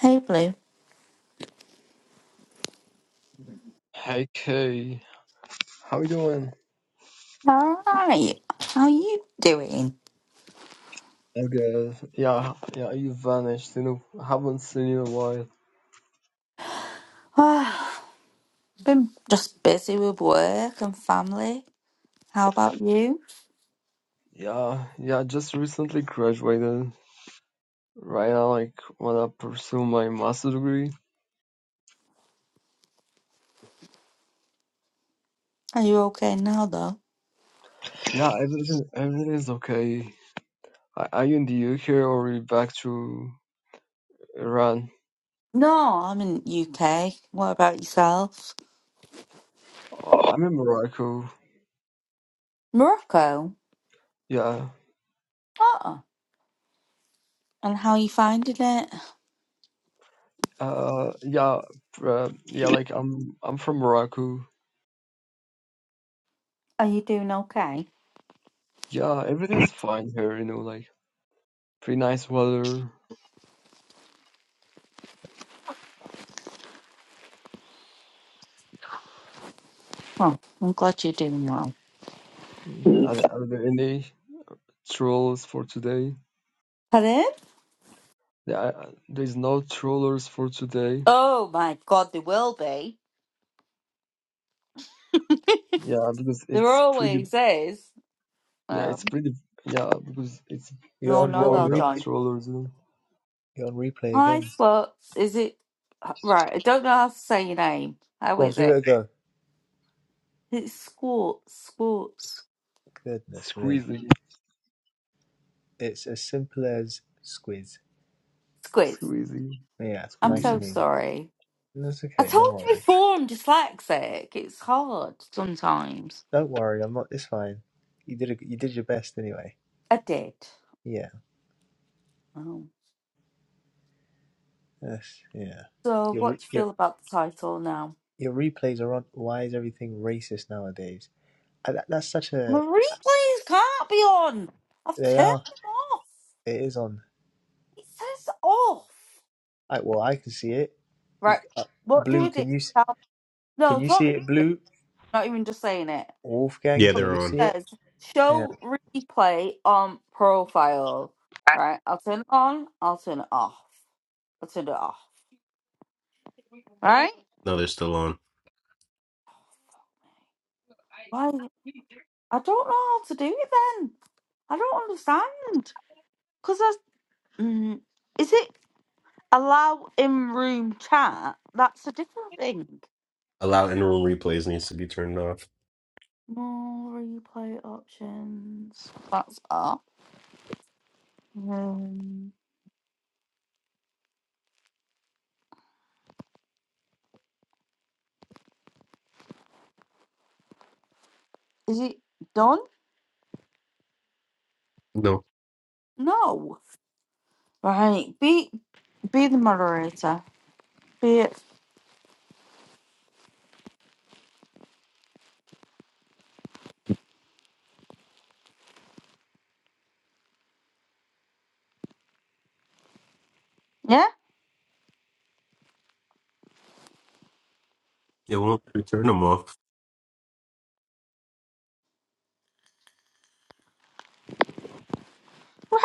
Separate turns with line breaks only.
Hey Blue,
Hey Kay, how you doing?
Alright. How you doing?
Okay, yeah, yeah, you vanished, you know, haven't seen you in a while.
Ah, been just busy with work and family. How about you?
Yeah, yeah, just recently graduated. Right now, like, wanna pursue my master degree.
Are you okay now though?
Yeah, everything, everything is okay. Are are you in the UK or are you back to Iran?
No, I'm in UK. What about yourself?
Oh, I'm in Morocco.
Morocco?
Yeah,
Oh, and how are you finding it?
uh, yeah, uh, yeah, like, I'm, I'm from Morocco.
Are you doing okay?
Yeah, everything's fine here, you know, like, pretty nice weather.
Well, I'm glad you're doing well.
Mm. Are, there- are there any trolls for today?
Pardon?
Yeah, I- there's no trollers for today.
Oh my god, they will be.
Yeah, because
There
it's pretty.
always is.
Yeah,
Oh.
it's pretty. Yeah, because it's
You're
it's
No,
on.
no,
You're
boring
on
they'll
without
join.
replay.
trollers. You know?
You're on replay
Hi,
again.
Spot. Is it right? I don't know how to say your name. How
Go on,
is
give it
it?
a go.
It's Squat, Squats,
Goodness me,
Squeezy,
it's as simple as squiz.
Squids.
squeezy,
Yeah,
I'm
nice
so
squeeze.
and easy.
sorry.
That's
I
okay. No
told you
worries.
before I'm dyslexic. It's hard sometimes.
Don't worry. I'm not. It's fine. You did. A, you did your best anyway.
I did.
Yeah.
Oh.
Yes. Yeah.
So,
Your
what
re,
do you
your
feel about the title now?
your replays are on. Why is everything racist nowadays? And that, that's such
My
a.
replays can't be on. I've
They
turned
are.
them off.
It is on.
It says off.
I, well, I can see it. You,
Right.
uh,
What do
blue.
we do?
Can you s-
Tell-
can
No,
you
talk
see
me
it?
through it.
Blue.
Not even just saying it.
Wolfgang.
Yeah,
So
Can
it
they're
you see
on.
it?
says
Yeah.
show replay on profile. Right? I'll turn it on, I'll turn it off. I'll turn it off. Right?
No, they're still on.
Why I don't know how to do it then. I don't understand. Cause that's mm, is it allow in room chat? That's a different thing.
Allow in-room replays needs to be turned off.
More replay options. That's up. Um, is it done?
No,
No. Right. Be be the moderator. Be it. Yeah?
it won't. You turn them off.
Right.